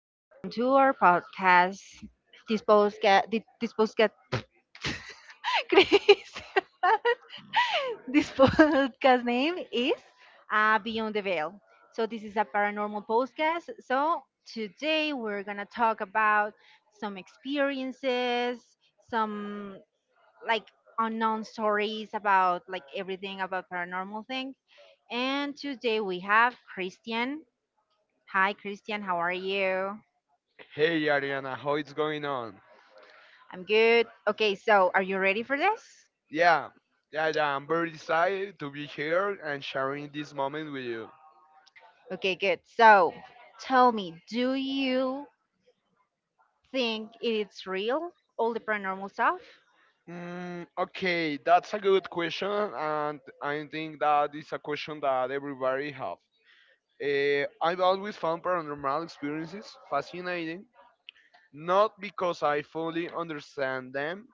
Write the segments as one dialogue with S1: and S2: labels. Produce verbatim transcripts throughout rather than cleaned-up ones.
S1: and welcome to our podcast. This podcast, this podcast, Chris, this podcast name is uh, Beyond the Veil. So this is a paranormal podcast. So today we're gonna talk about some experiences, some like unknown stories about like everything about paranormal thing. And today we have Christian. Hi, Christian. How are you?
S2: Hey Ariana, how it's going on?
S1: I'm good. Okay, so are you ready for this?
S2: Yeah, yeah, yeah. I'm very excited to be here and sharing this moment with you.
S1: Okay, good. So tell me, do you think it's real, all the paranormal stuff?
S2: Mm, okay, that's a good question, and I think that is a question that everybody have. Eh, I've always found paranormal experiences fascinating, not because I fully understand them,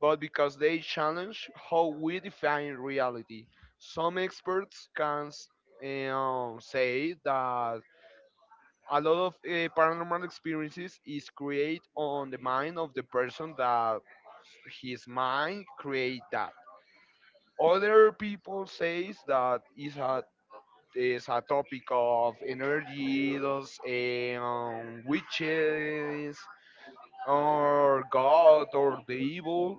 S2: but because they challenge how we define reality. Some experts can s- eh, um, say that a lot of uh, paranormal experiences is create on the mind of the person that his mind create that other people says that is a is a topic of energy, those eh, um, witches or god or the evil,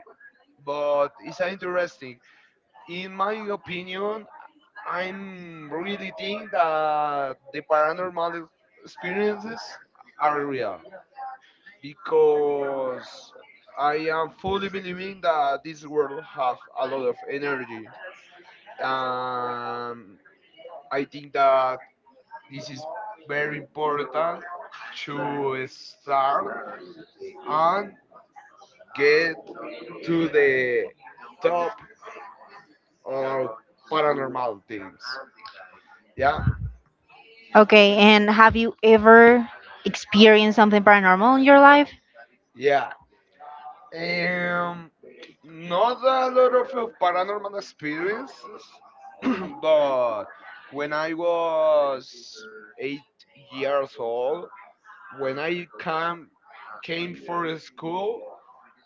S2: but it's uh, interesting. In my opinion, I'm really think that the paranormal experiences are real because I am fully believing that this world have a lot of energy. Um, I think that this is very important to start and get to the top of paranormal things. Yeah,
S1: Okay, and have you ever experienced something paranormal in your life?
S2: yeah. Um, not a lot of uh, paranormal experiences, but when I was eight years old, when I came came for school,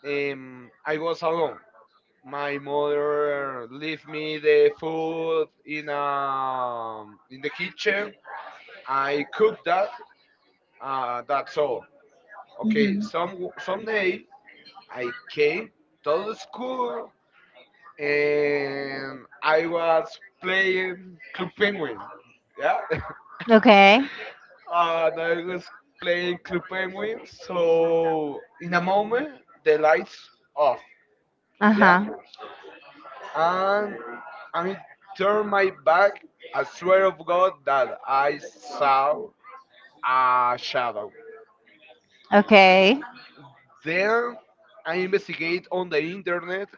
S2: um, I was alone. My mother left me the food in um in the kitchen. I cooked that. Uh, that's all. Okay. Some someday I came to the school and I was playing Club Penguin. Yeah,
S1: Okay,
S2: and I was playing Club Penguin. So in a moment, the lights off.
S1: uh,
S2: Yeah, and I turned my back. I swear of God that I saw a shadow.
S1: okay.
S2: Then I investigate on the internet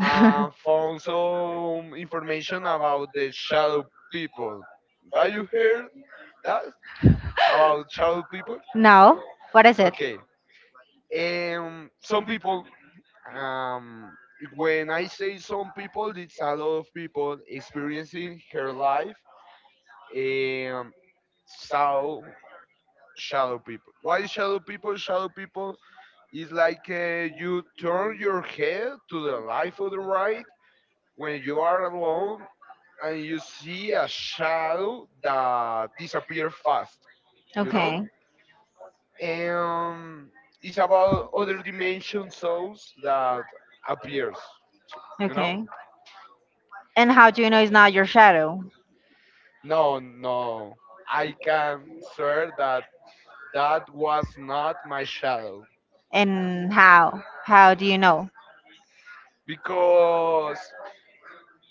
S2: and found some information about the shadow people. Are you here? That's about child people.
S1: No. What is
S2: Okay. Um, some people. Um, when I say some people, it's a lot of people experiencing her life. Um, so shadow people. Why shadow people? Shadow people is like uh, you turn your head to the left or the right when you are alone and you see a shadow that disappears fast. You know and it's about other dimension souls that appears you know
S1: And how do you know it's not your shadow?
S2: no, no, I can swear that that was not my shadow
S1: And how? How do you know?
S2: because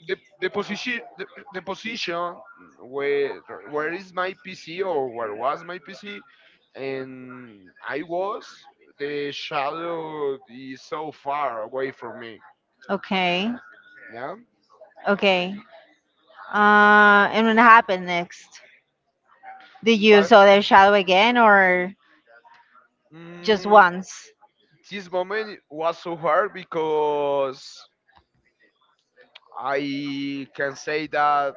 S2: the, the position the, the position where where is my pc or where was my pc and I was, the shadow is so far away from me.
S1: Okay,
S2: Yeah,
S1: okay. Uh, and what happened next? Did you
S2: but
S1: saw their shadow again, or just
S2: Mm,
S1: once.
S2: this moment was so hard because I can say that,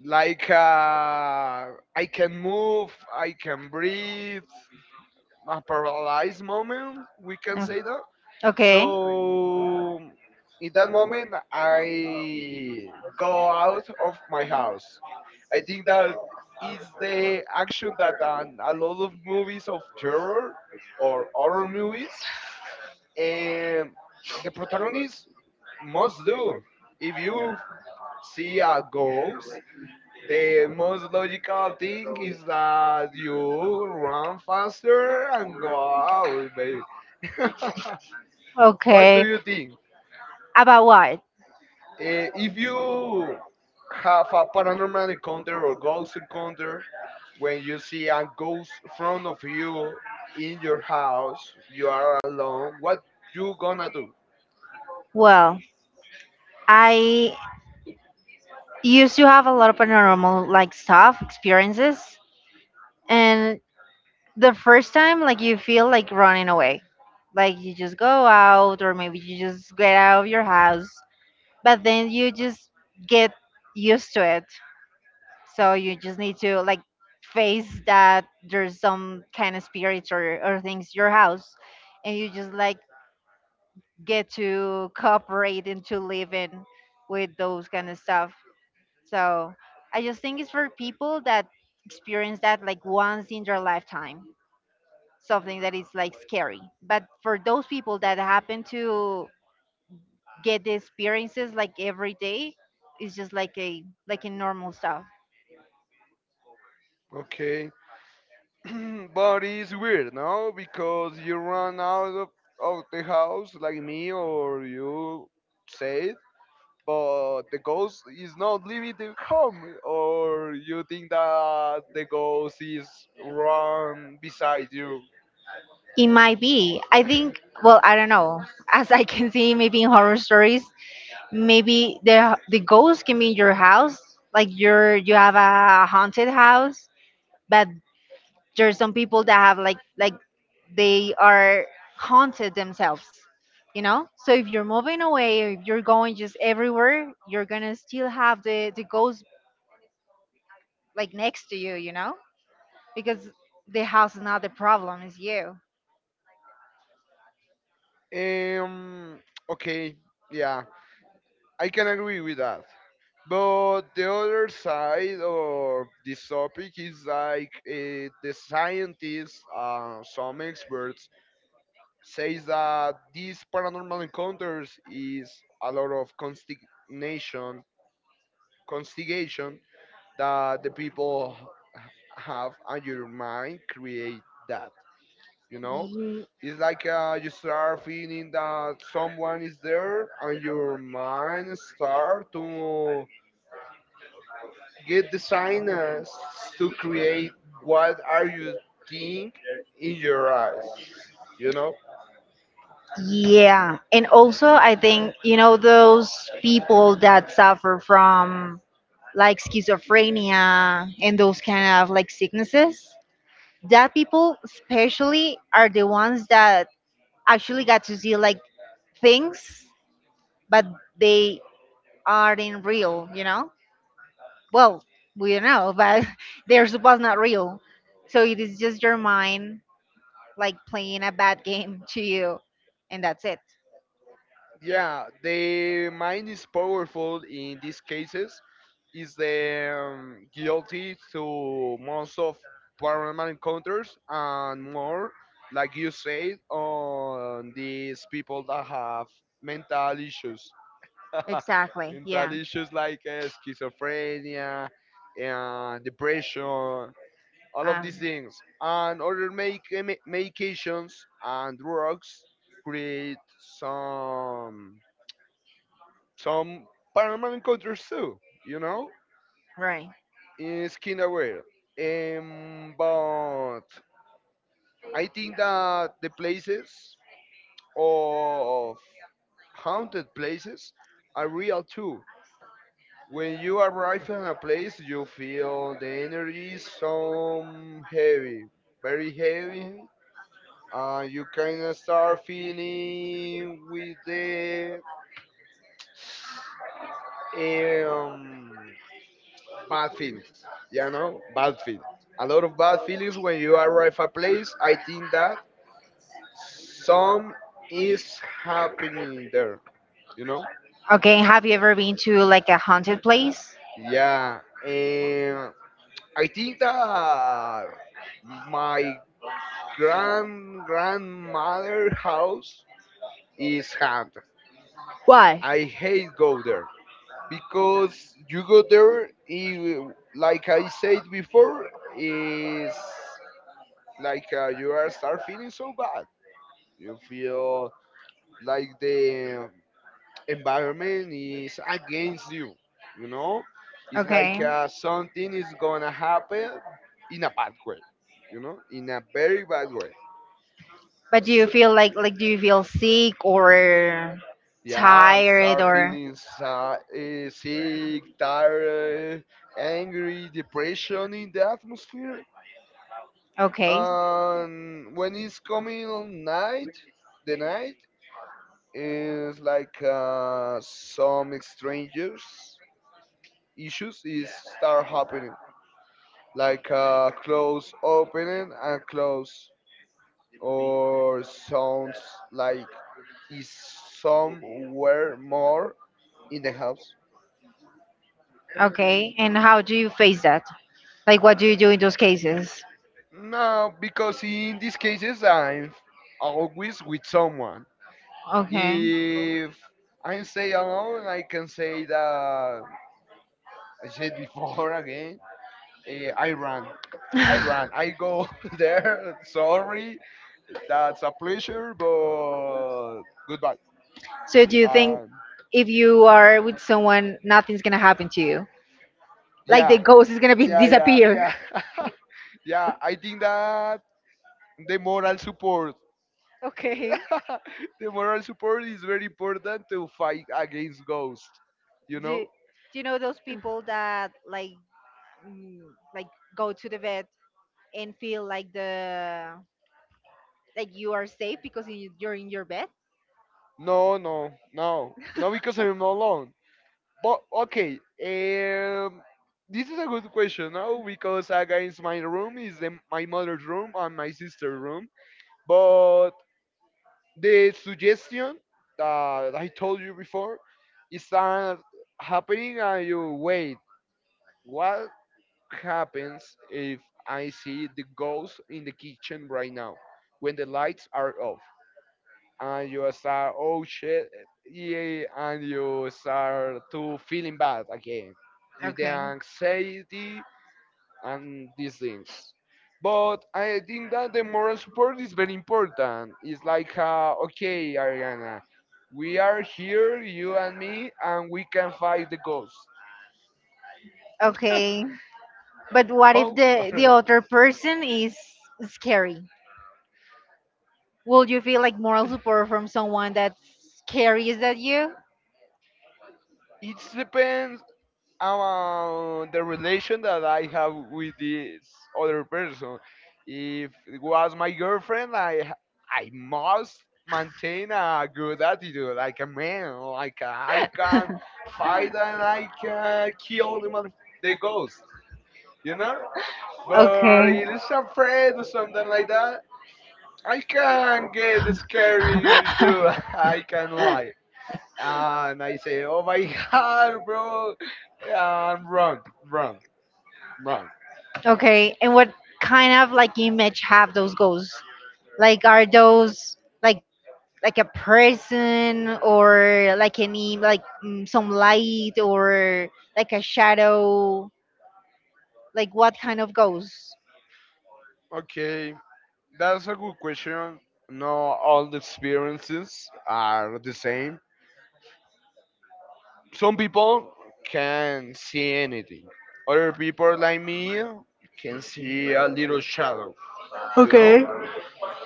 S2: like uh, I can move, I can breathe. A paralyzed moment, we can say that.
S1: Okay.
S2: So in that moment, I go out of my house. I think that is the action that, um, a lot of movies of terror or horror movies, and the protagonist must do. If you see a ghost, the most logical thing is that you run faster and go out, baby.
S1: Okay.
S2: What do you think?
S1: About what?
S2: Eh, if you have a paranormal encounter or ghost encounter, when you see a ghost in front of you in your house, you are alone, what you gonna do?
S1: Well, I used to have a lot of paranormal like stuff, experiences, and the first time like you feel like running away. Like you just go out or maybe you just get out of your house, but then you just get used to it. So you just need to like face that there's some kind of spirits or, or things in your house and you just like get to cooperate and to live in with those kind of stuff. So I just think it's for people that experience that like once in their lifetime, something that is like scary. But for those people that happen to get the experiences like every day, it's just like a like a normal stuff.
S2: Okay. But it's weird, no? Because you run out of, of the house like me or you said, but the ghost is not leaving the home, or you think that the ghost is run beside you.
S1: It might be. I think. Well, I don't know. As I can see, maybe in horror stories, maybe the the ghost can be in your house, like you're you have a haunted house, but there's some people that have like like they are haunted themselves, you know. So if you're moving away, if you're going just everywhere, you're gonna still have the the ghost like next to you, you know, because the house is not the problem, it's you.
S2: Um, okay, yeah, I can agree with that. But the other side of this topic is like uh, the scientists, uh, some experts says that these paranormal encounters is a lot of consternation, constigation that the people h- have, and your mind create that. You know,
S1: Mm,
S2: it's like uh, you start feeling that someone is there and your mind start to get designers to create what are you think in your eyes. You know
S1: yeah, and also I think, you know, those people that suffer from like schizophrenia and those kind of like sicknesses, that people especially are the ones that actually got to see like things, but they aren't real, you know. Well, we don't know, but they're supposed not real. So it is just your mind like playing a bad game to you, and that's it.
S2: yeah the mind is powerful in these cases, is the um, guilty to most of paranormal encounters, and more like you said, on these people that have mental issues.
S1: Exactly.
S2: Mental issues like uh, schizophrenia and depression, all of these things, and other make, medications and drugs create some some paranormal encounters too, you know,
S1: Right.
S2: it's kinda weird. Um, but I think that the places of haunted places are real too. When you arrive in a place, you feel the energy is some heavy, very heavy. Uh, you kind of start feeling with the um bad feelings, you know, bad feelings. A lot of bad feelings when you arrive a place. I think that some is happening there, you know.
S1: Okay, have you ever been to like a haunted place?
S2: Yeah, and I think that my grand grandmother house is haunted.
S1: Why?
S2: I hate go there because you go there, eh, like I said before, is like uh, you are start feeling so bad. You feel like the environment is against you. You know, it's like uh, something is gonna happen in a bad way. You know, in a very bad way.
S1: But do you
S2: So,
S1: feel like like do you feel sick or
S2: yeah, I'm start feeling sad, eh, sick, tired, angry, depression in the atmosphere.
S1: okay,
S2: And when it's coming on night, the night is like uh, some strangers issues is start happening, like uh, close opening and close, or sounds like is somewhere more in the house.
S1: okay? And how do you face that? Like what do you do in those cases?
S2: No, because in these cases I'm always with someone.
S1: Okay.
S2: If I stay alone, I can say that, I said before, again. eh, I run. I run. I go there. Sorry, that's a pleasure, but goodbye.
S1: So do,
S2: Um,
S1: if you are with someone, nothing's gonna happen to you.
S2: yeah,
S1: Ghost is gonna
S2: yeah, yeah, yeah, yeah. I think that the moral support,
S1: okay.
S2: the moral support is very important to fight against ghosts. You
S1: do,
S2: know?
S1: do you know those people that like mm, like go to the vet and feel like the like you are safe because you, you're in your bed?
S2: No, no, no, no, because I'm not alone. But okay, um, this is a good question now, because against my room is the, my mother's room and my sister's room, but the suggestion that I told you before is that happening, and you wait. What happens if I see the ghost in the kitchen right now, when the lights are off? And you start, oh shit, yeah, and you start to feeling bad again, with the anxiety and these things. But I think that the moral support is very important. It's like, uh, okay, Ariana, we are here, you and me, and we can fight the ghost.
S1: Okay, but what if
S2: How? I
S1: the
S2: don't
S1: the
S2: know.
S1: other person is scary? Will you feel like moral support from someone that carries at you?
S2: It depends, um, the relation that I have with this other person. If it was my girlfriend, I ha- I must maintain a good attitude, like a man, like a, I can fight and I can kill the mother, the ghost, you know. But it is a friend or something like that. I can get scary too. I can lie, and I say, "Oh my God, bro, I'm wrong, wrong." Right.
S1: Okay, and what kind of like image have those ghosts? Like are those like like a person, or like any like mm, some light or like a shadow? Like what kind of ghosts?
S2: Okay. That's a good question. Not all the experiences are the same. Some people can see anything. Other people like me can see a little shadow, you know?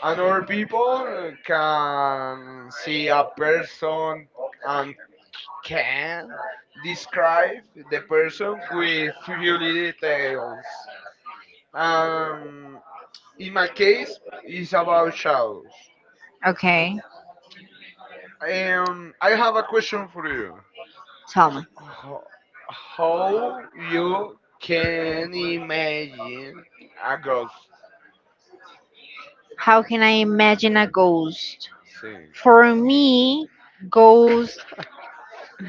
S2: And other people can see a person and can describe the person with few details. Um in my case, it's about shadows.
S1: Okay,
S2: Um, I have a question for you.
S1: tell me.
S2: Ho- How you can imagine a ghost
S1: How can I imagine a ghost?
S2: thing?
S1: For me, ghost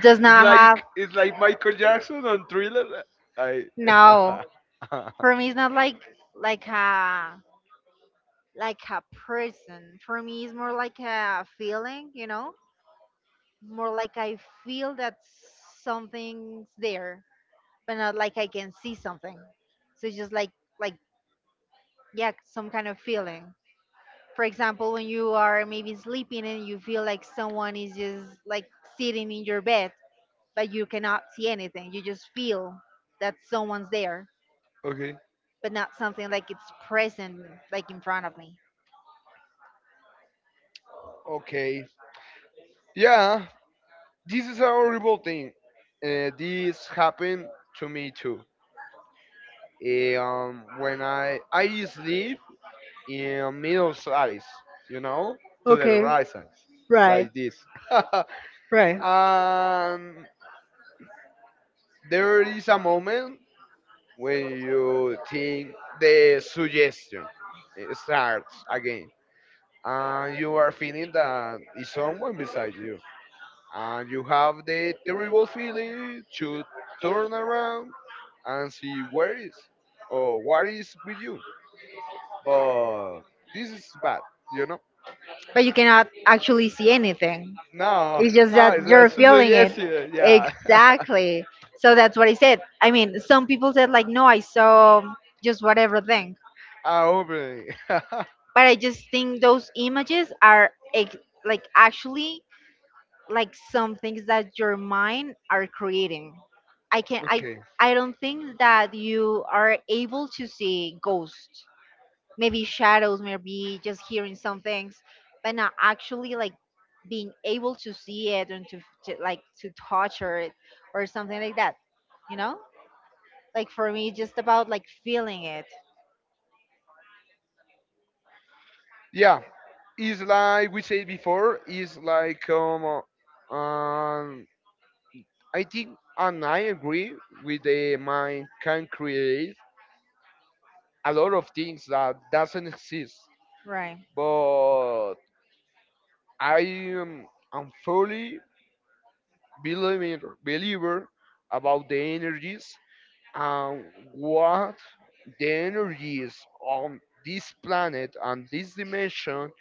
S1: does
S2: It's
S1: not have
S2: like it's like Michael Jackson on Thriller. I
S1: no. For me, it's not like like a like a person. For me, it's more like a feeling. You know, more like I feel that something's there, but not like I can see something. So it's just like like yeah, some kind of feeling. For example, when you are maybe sleeping and you feel like someone is just like sitting in your bed, but you cannot see anything. You just feel that someone's there,
S2: okay,
S1: but not something like it's present, like in front of me.
S2: okay, yeah. This is a horrible thing. Uh, this happened to me too. Eh, Um, when I I sleep in middle size, you know, to the right size,
S1: Right,
S2: like this.
S1: right.
S2: And there is a moment when you think the suggestion, eh, starts again, and you are feeling that is someone beside you, and you have the terrible feeling to turn around and see where is or what is with you, but this is bad you know
S1: But you cannot actually see anything.
S2: no, no, it's a suggestion, yeah.
S1: Exactly. So that's what I said. I mean, some people said like, no, I saw just whatever thing,
S2: I opening
S1: but I just think those images are ex- like actually like some things that your mind are creating. I can I
S2: Okay.
S1: I don't think that you are able to see ghosts, maybe shadows, maybe just hearing some things, but not actually like being able to see it and to, to like to touch it or something like that. You know, like for me, just about like feeling it.
S2: Yeah, it's like we said before. It's like, um, uh, um I think, and I agree with the mind can create a lot of things that doesn't exist.
S1: Right?
S2: But I am am fully believer, believer about the energies, and what the energies on this planet and this dimension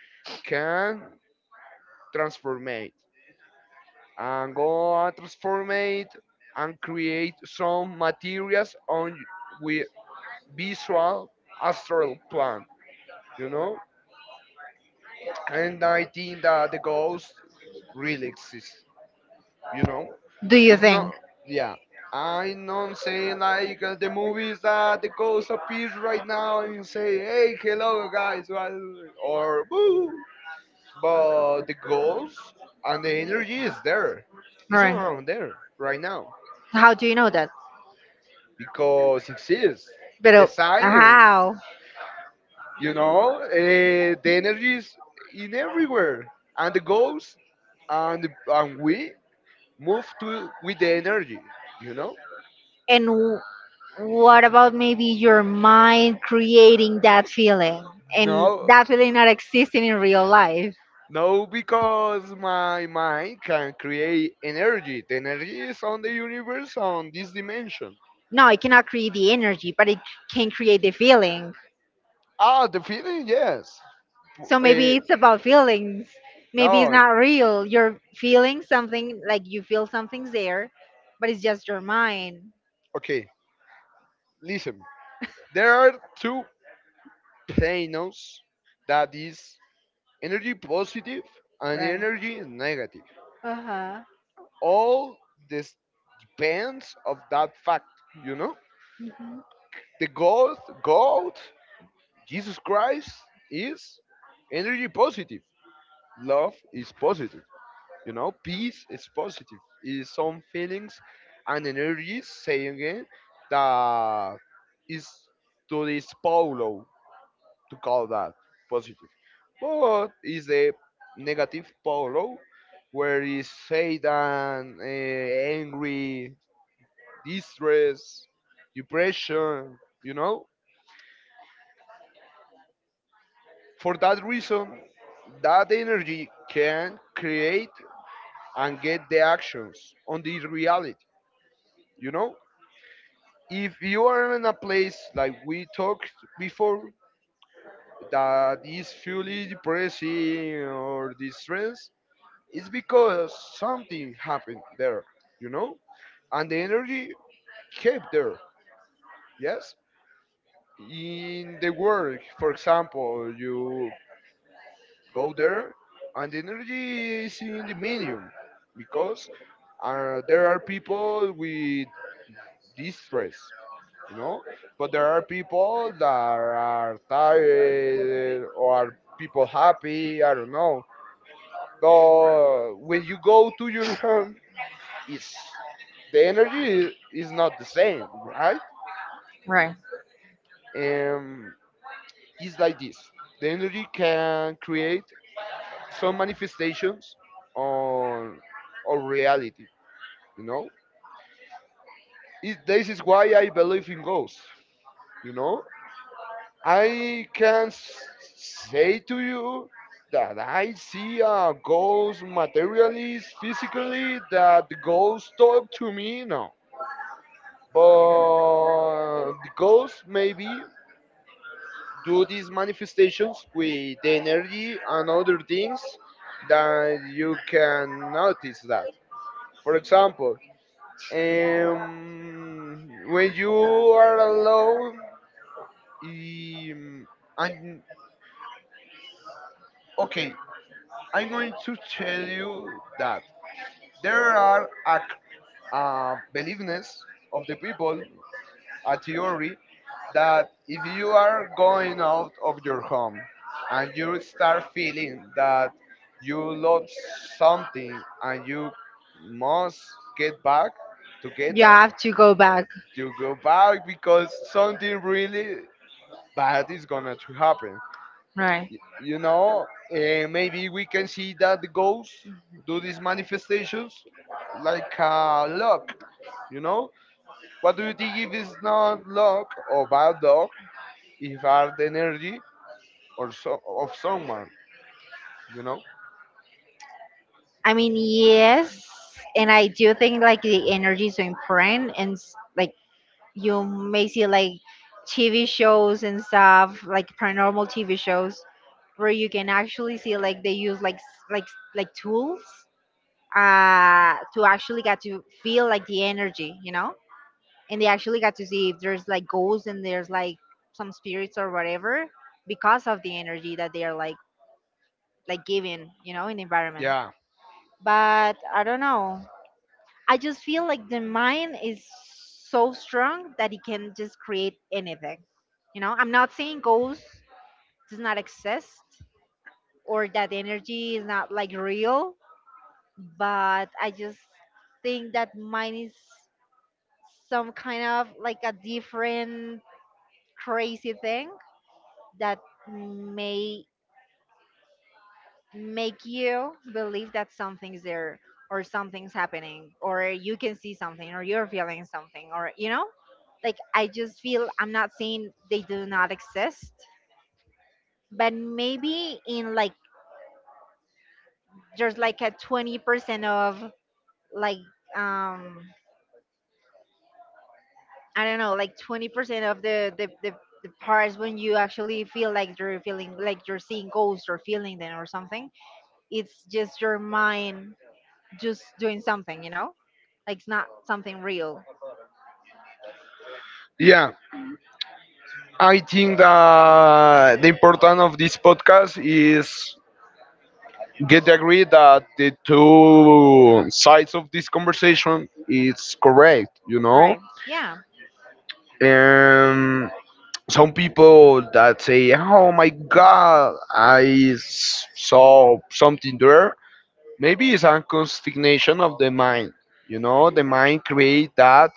S2: can transformate and go and transformate and create some materials on we. Visual astral plan, you know? And I think that the ghost really exists, you know?
S1: Do you
S2: It's not,
S1: think?
S2: yeah. I'm not saying like, uh, the movies that the ghost appears right now and say, hey, hello guys, what- or boo. But the ghost and the energy is there. It's around there right now,
S1: How do you know that?
S2: because it exists. The
S1: But
S2: science.
S1: how?
S2: You know, uh, the energy is in everywhere, and the goals and and we move to with the energy. You know,
S1: And w- what about maybe your mind creating that feeling? And
S2: no,
S1: that feeling not existing in real life.
S2: no, because my mind can create energy. The energy is on the universe, on this dimension.
S1: No, it cannot create the energy, but it can create the feeling.
S2: Ah, the feeling, yes.
S1: So
S2: Uh,
S1: maybe it's about feelings. Maybe
S2: no,
S1: not real. You're feeling something, like you feel something's there, but it's just your mind.
S2: okay. Listen, there are two planos that is energy positive and energy negative.
S1: Uh huh.
S2: All this depends of that fact you know the god god Jesus Christ is energy positive. Love is positive you know Peace is positive. It is some feelings and energies saying it that is to this polo, to call that positive, but is a negative polo where is Satan, uh, angry, distress, depression, you know? For that reason, that energy can create and get the actions on the reality, you know? If you are in a place like we talked before that is fully depressing or distress, it's because something happened there, you know? And the energy kept there, yes? In the work, for example, you go there and the energy is in the medium because uh, there are people with distress, you know, but there are people that are tired or are people happy, I don't know. But when you go to your home, it's the energy is not the same, right?
S1: Right.
S2: And it's like this, the energy can create some manifestations on on reality, you know it, this is why I believe in ghosts. You know, i can s- say to you that I see a ghost materially, physically, that the ghost talk to me? No, but the ghosts maybe do these manifestations with the energy and other things that you can notice. That, for example, um, when you are alone. Um, and okay, I'm going to tell you that there are a c- uh, beliefness of the people, a theory, that if you are going out of your home and you start feeling that you love something and you must get back to get that,
S1: To go back.
S2: you go back because something really bad is gonna to happen.
S1: Right.
S2: Y- You know, uh, maybe we can see that the ghosts do these manifestations like uh, luck. You know, what do you think if it's not luck or bad luck? If are the energy or so of someone, you know?
S1: I mean, yes, and I do think like the energy is so important, and s- like you may see like T V shows and stuff, like paranormal T V shows, where you can actually see like they use like s- like s- like tools uh to actually get to feel like the energy, you know, and they actually got to see if there's like ghosts and there's like some spirits or whatever, because of the energy that they are like like giving, you know, in the environment.
S2: Yeah,
S1: But I don't know, I just feel like the mind is so strong that it can just create anything, you know. I'm not saying ghosts does not exist or that energy is not like real, but I just think that mind is some kind of like a different crazy thing that may make you believe that something's there, or something's happening, or you can see something, or you're feeling something, or you know. Like I just feel, I'm not saying they do not exist, but maybe in like there's like a twenty percent of like um I don't know, like twenty percent of the, the, the, the parts when you actually feel like you're feeling like you're seeing ghosts or feeling them or something. It's just your mind just doing something, you know? Like it's not something real.
S2: yeah. I think that the importance of this podcast is get agree that the two sides of this conversation is correct, you know?
S1: Right. Yeah.
S2: And some people that say, oh my God, I s- saw something there. Maybe it's unconstignation of the mind. You know, the mind create that,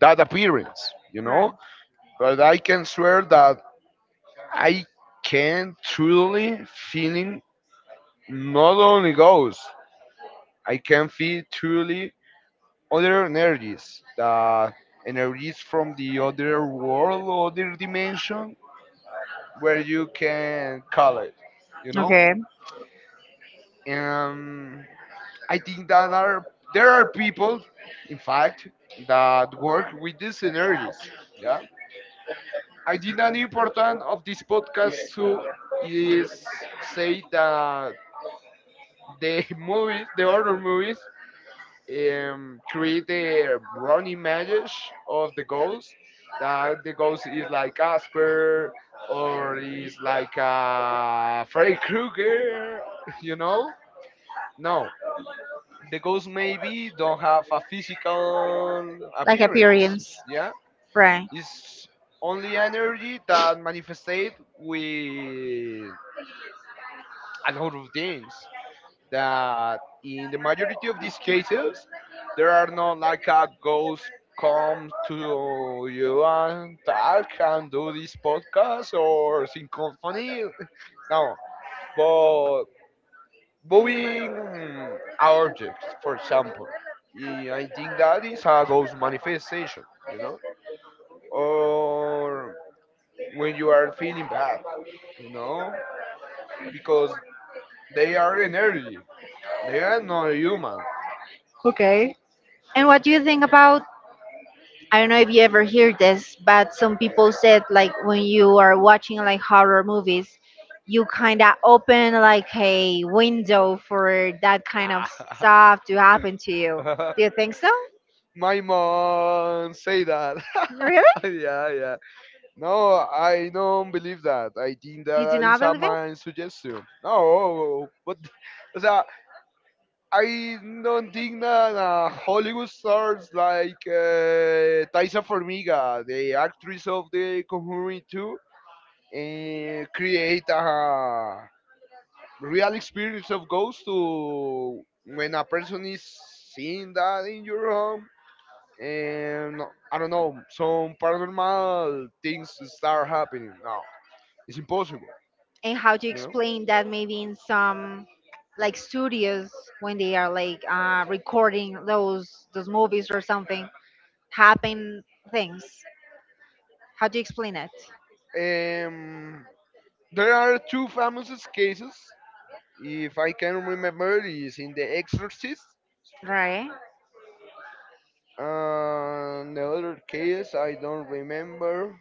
S2: that appearance. You know,
S1: Right.
S2: but I can swear that I can truly feeling, not only ghosts. I can feel truly other energies, the energies from the other world, other dimension, where you can call it. You know,
S1: Okay.
S2: and I think that are there are people, in fact, that work with these energies. Yeah, I think an important of this podcast too is say that the movies, the other movies, um, create a wrong image of the ghost. That the ghost is like Casper or is like uh, Freddy Krueger, you know? No, the ghosts maybe don't have a physical
S1: Like
S2: appearance.
S1: appearance.
S2: Yeah,
S1: Right.
S2: it's only energy that manifestate with a lot of things. That in the majority of these cases, there are not like a ghost come to you and talk and do this podcast or sing symphony. No, but moving objects, for example. Yeah, I think that is a ghost manifestation, you know, or when you are feeling bad, you know, because they are energy. They are not human.
S1: Okay. And what do you think about I don't know if you ever hear this, but some people said like when you are watching like horror movies, you kind of open like a window for that kind of stuff to happen to you. Do you think so?
S2: My mom say that.
S1: Really?
S2: Yeah, yeah. No, I don't believe that. I think that is a man suggestion. No, but, o sea, I don't think that uh, Hollywood stars like uh, Thaisa Formiga, the actress of The Conjuring two, uh, create a real experience of ghosts to when a person is seeing that in your home. And I don't know, some paranormal things start happening. No, it's impossible,
S1: And how do you
S2: you know?
S1: explain that maybe in some like studios when they are like uh, recording those those movies or something happen things? How do you explain it?
S2: Um, there are two famous cases, if I can remember, is in The Exorcist.
S1: Right.
S2: And the other case, I don't remember.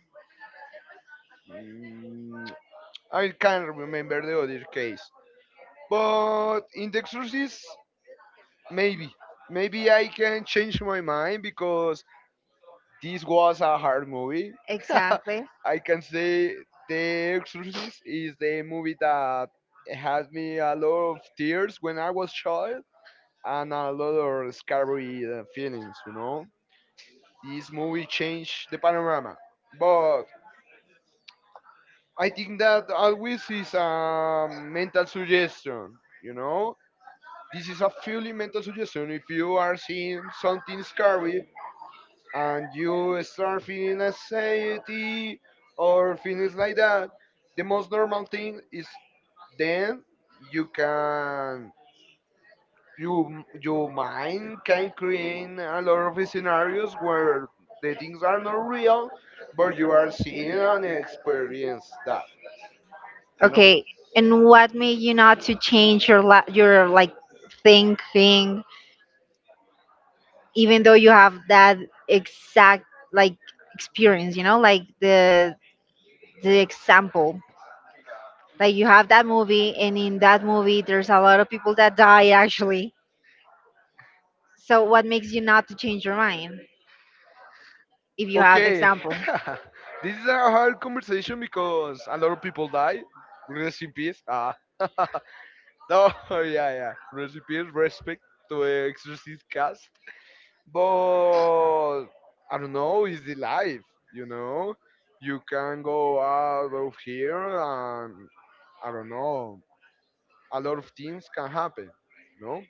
S2: Mm, I can't remember the other case. But in The Exorcist, maybe. Maybe I can change my mind because this was a hard movie.
S1: Exactly.
S2: I can say The Exorcist is the movie that had me a lot of tears when I was child and a lot of scary uh, feelings, you know. This movie changed the panorama. But I think that always is a mental suggestion, you know. This is a purely mental suggestion. If you are seeing something scary, and you start feeling anxiety or feelings like that, the most normal thing is then you can you your mind can create a lot of scenarios where the things are not real, but you are seeing and experience that, you know.
S1: Okay, and what made you not to change your la- your like thinking, even though you have that exact like experience, you know, like the the example, like you have that movie, and in that movie there's a lot of people that die actually. So what makes you not to change your mind? If
S2: Okay, this is a hard conversation because a lot of people die. Rest in peace. Ah. No, yeah, yeah. Recipes, respect to the Exorcist cast. But I don't know, it's the life, you know? You can go out of here and I don't know, a lot of things can happen, you know?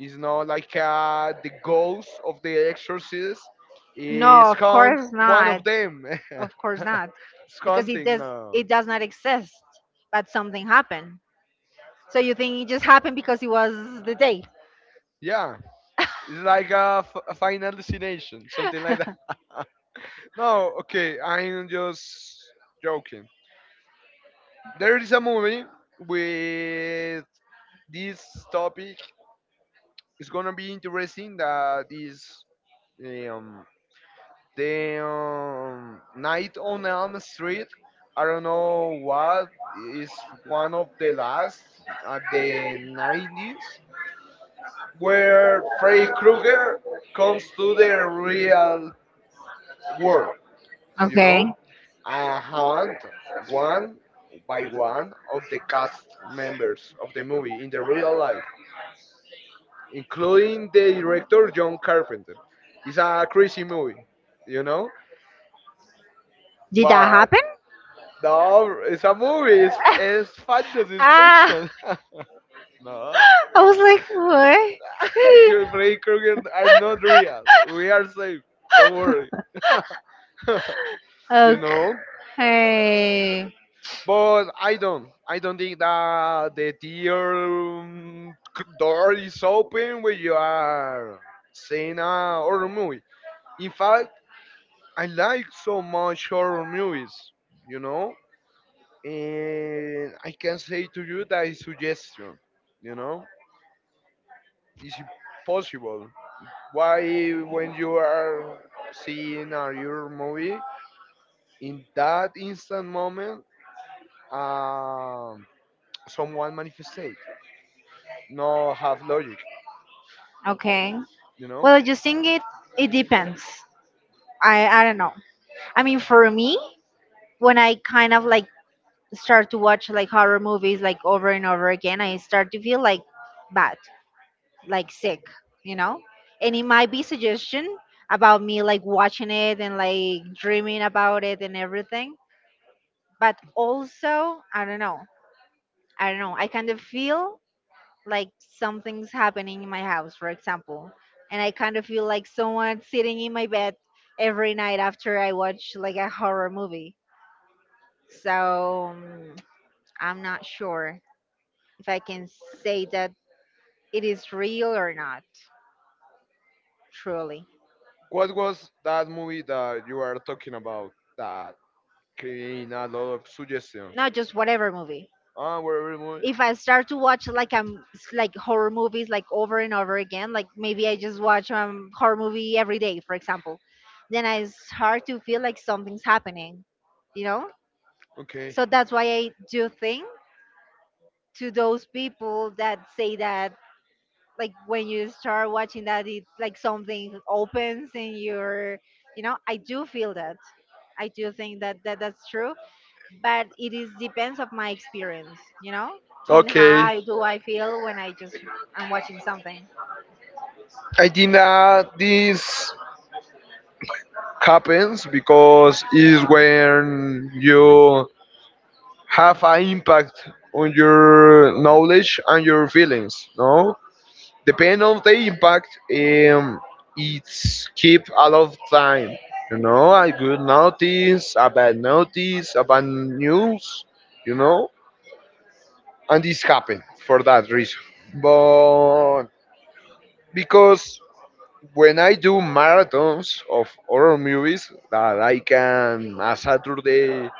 S2: It's not like uh, the ghost of the exorcist is
S1: no,
S2: hunt one of them.
S1: of course not.
S2: It's hunting now.
S1: It does not exist, but something happened. So you think it just happened because it was the day?
S2: Yeah, it's like a, f- a final destination, something like. No, okay, I'm just joking. There is a movie with this topic. It's gonna be interesting. That is um, the um, Night on Elm Street. I don't know what is one of the last at the nineties where Freddy Krueger comes to the real world. You
S1: Okay,
S2: know, and hunt one by one of the cast members of the movie in the real life, including the director John Carpenter. It's a crazy movie, you know,
S1: did
S2: but
S1: happen?
S2: no, it's a movie. It's it's fantasy, it's fiction. No,
S1: I was like, what?
S2: Joe Freddy Krueger are not real. We are safe. Don't worry. You know,
S1: Okay.
S2: but I don't. I don't think that the tier um, c- door is open when you are seeing a horror movie. In fact, I like so much horror movies, you know, and I can say to you that is suggestion, you know, it's impossible. Why, when you are seeing a horror movie, in that instant moment, um, someone manifestate no have logic,
S1: Okay.
S2: you know?
S1: Well, you think it it depends. I I don't know. I mean, for me, when I kind of like start to watch like horror movies like over and over again, I start to feel like bad, like sick, you know? And it might be suggestion about me like watching it and like dreaming about it and everything, but also, I don't know. I don't know. I kind of feel like something's happening in my house, for example, and I kind of feel like someone sitting in my bed every night after I watch like a horror movie. So um, I'm not sure if I can say that it is real or not, truly.
S2: What was that movie that you are talking about that creating a lot of suggestion?
S1: Not just whatever movie.
S2: Ah, whatever movie.
S1: If I start to watch like I'm like horror movies like over and over again, like maybe I just watch um horror movie every day, for example, then I start to feel like something's happening, you know.
S2: Okay.
S1: So that's why I do think to those people that say that like when you start watching that, it's like something opens in your, you know, I do feel that. I do think that, that that's true, but it is depends of my experience, you know? And
S2: Okay.
S1: how do I feel when I just I'm watching something.
S2: I think that this happens because is when you have an impact on your knowledge and your feelings, no? Depending on the impact, um, it's keep a lot of time. You know, a good notice, a bad notice, a bad news. You know, and this happened for that reason. But because when I do marathons of horror movies that I can a Saturday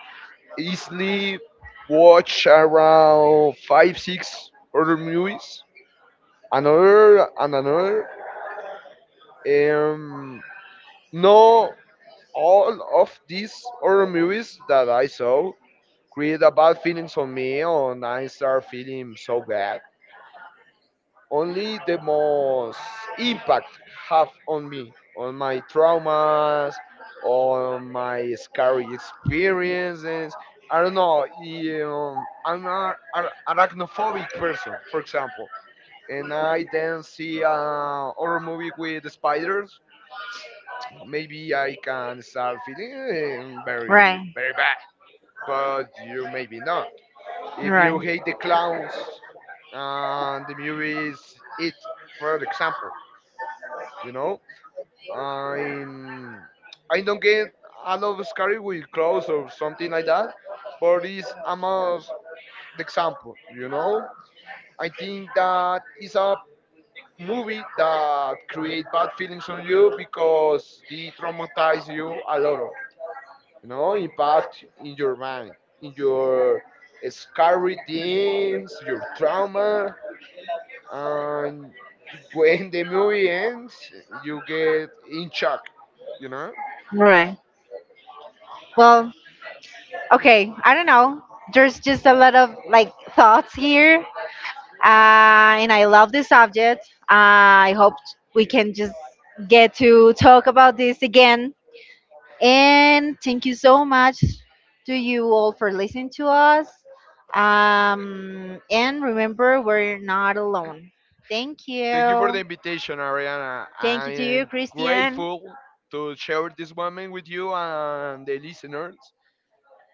S2: easily watch around five six horror movies, another and another. Um, No, all of these horror movies that I saw create a bad feelings on me, and I start feeling so bad. Only the most impact have on me, on my traumas, on my scary experiences. I don't know. You know, I'm a, a arachnophobic person, for example, and I then see a horror movie with spiders. Maybe I can start feeling eh,
S1: Right.
S2: very, very, but you maybe not. If you hate the clowns and the movies, it, for example, you know, I'm, I don't get a lot of scary with clowns or something like that, but it's almost the example, you know. I think that is a movie that create bad feelings on you because they traumatize you a lot. You know, impact in your mind, in your scary things, your trauma, and when the movie ends, you get in shock, you know.
S1: Right. Well, okay, I don't know. There's just a lot of like thoughts here, uh, and I love this subject. Uh, I hope we can just get to talk about this again. And thank you so much to you all for listening to us. Um, and remember, we're not alone. Thank
S2: Thank
S1: you.
S2: you for the invitation, Ariana. I
S1: Thank you,
S2: am
S1: Chris.
S2: grateful to share this moment with you and the listeners,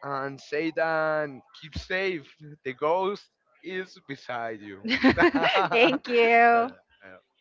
S2: and say that keep safe, the ghost is beside you.
S1: Thank you.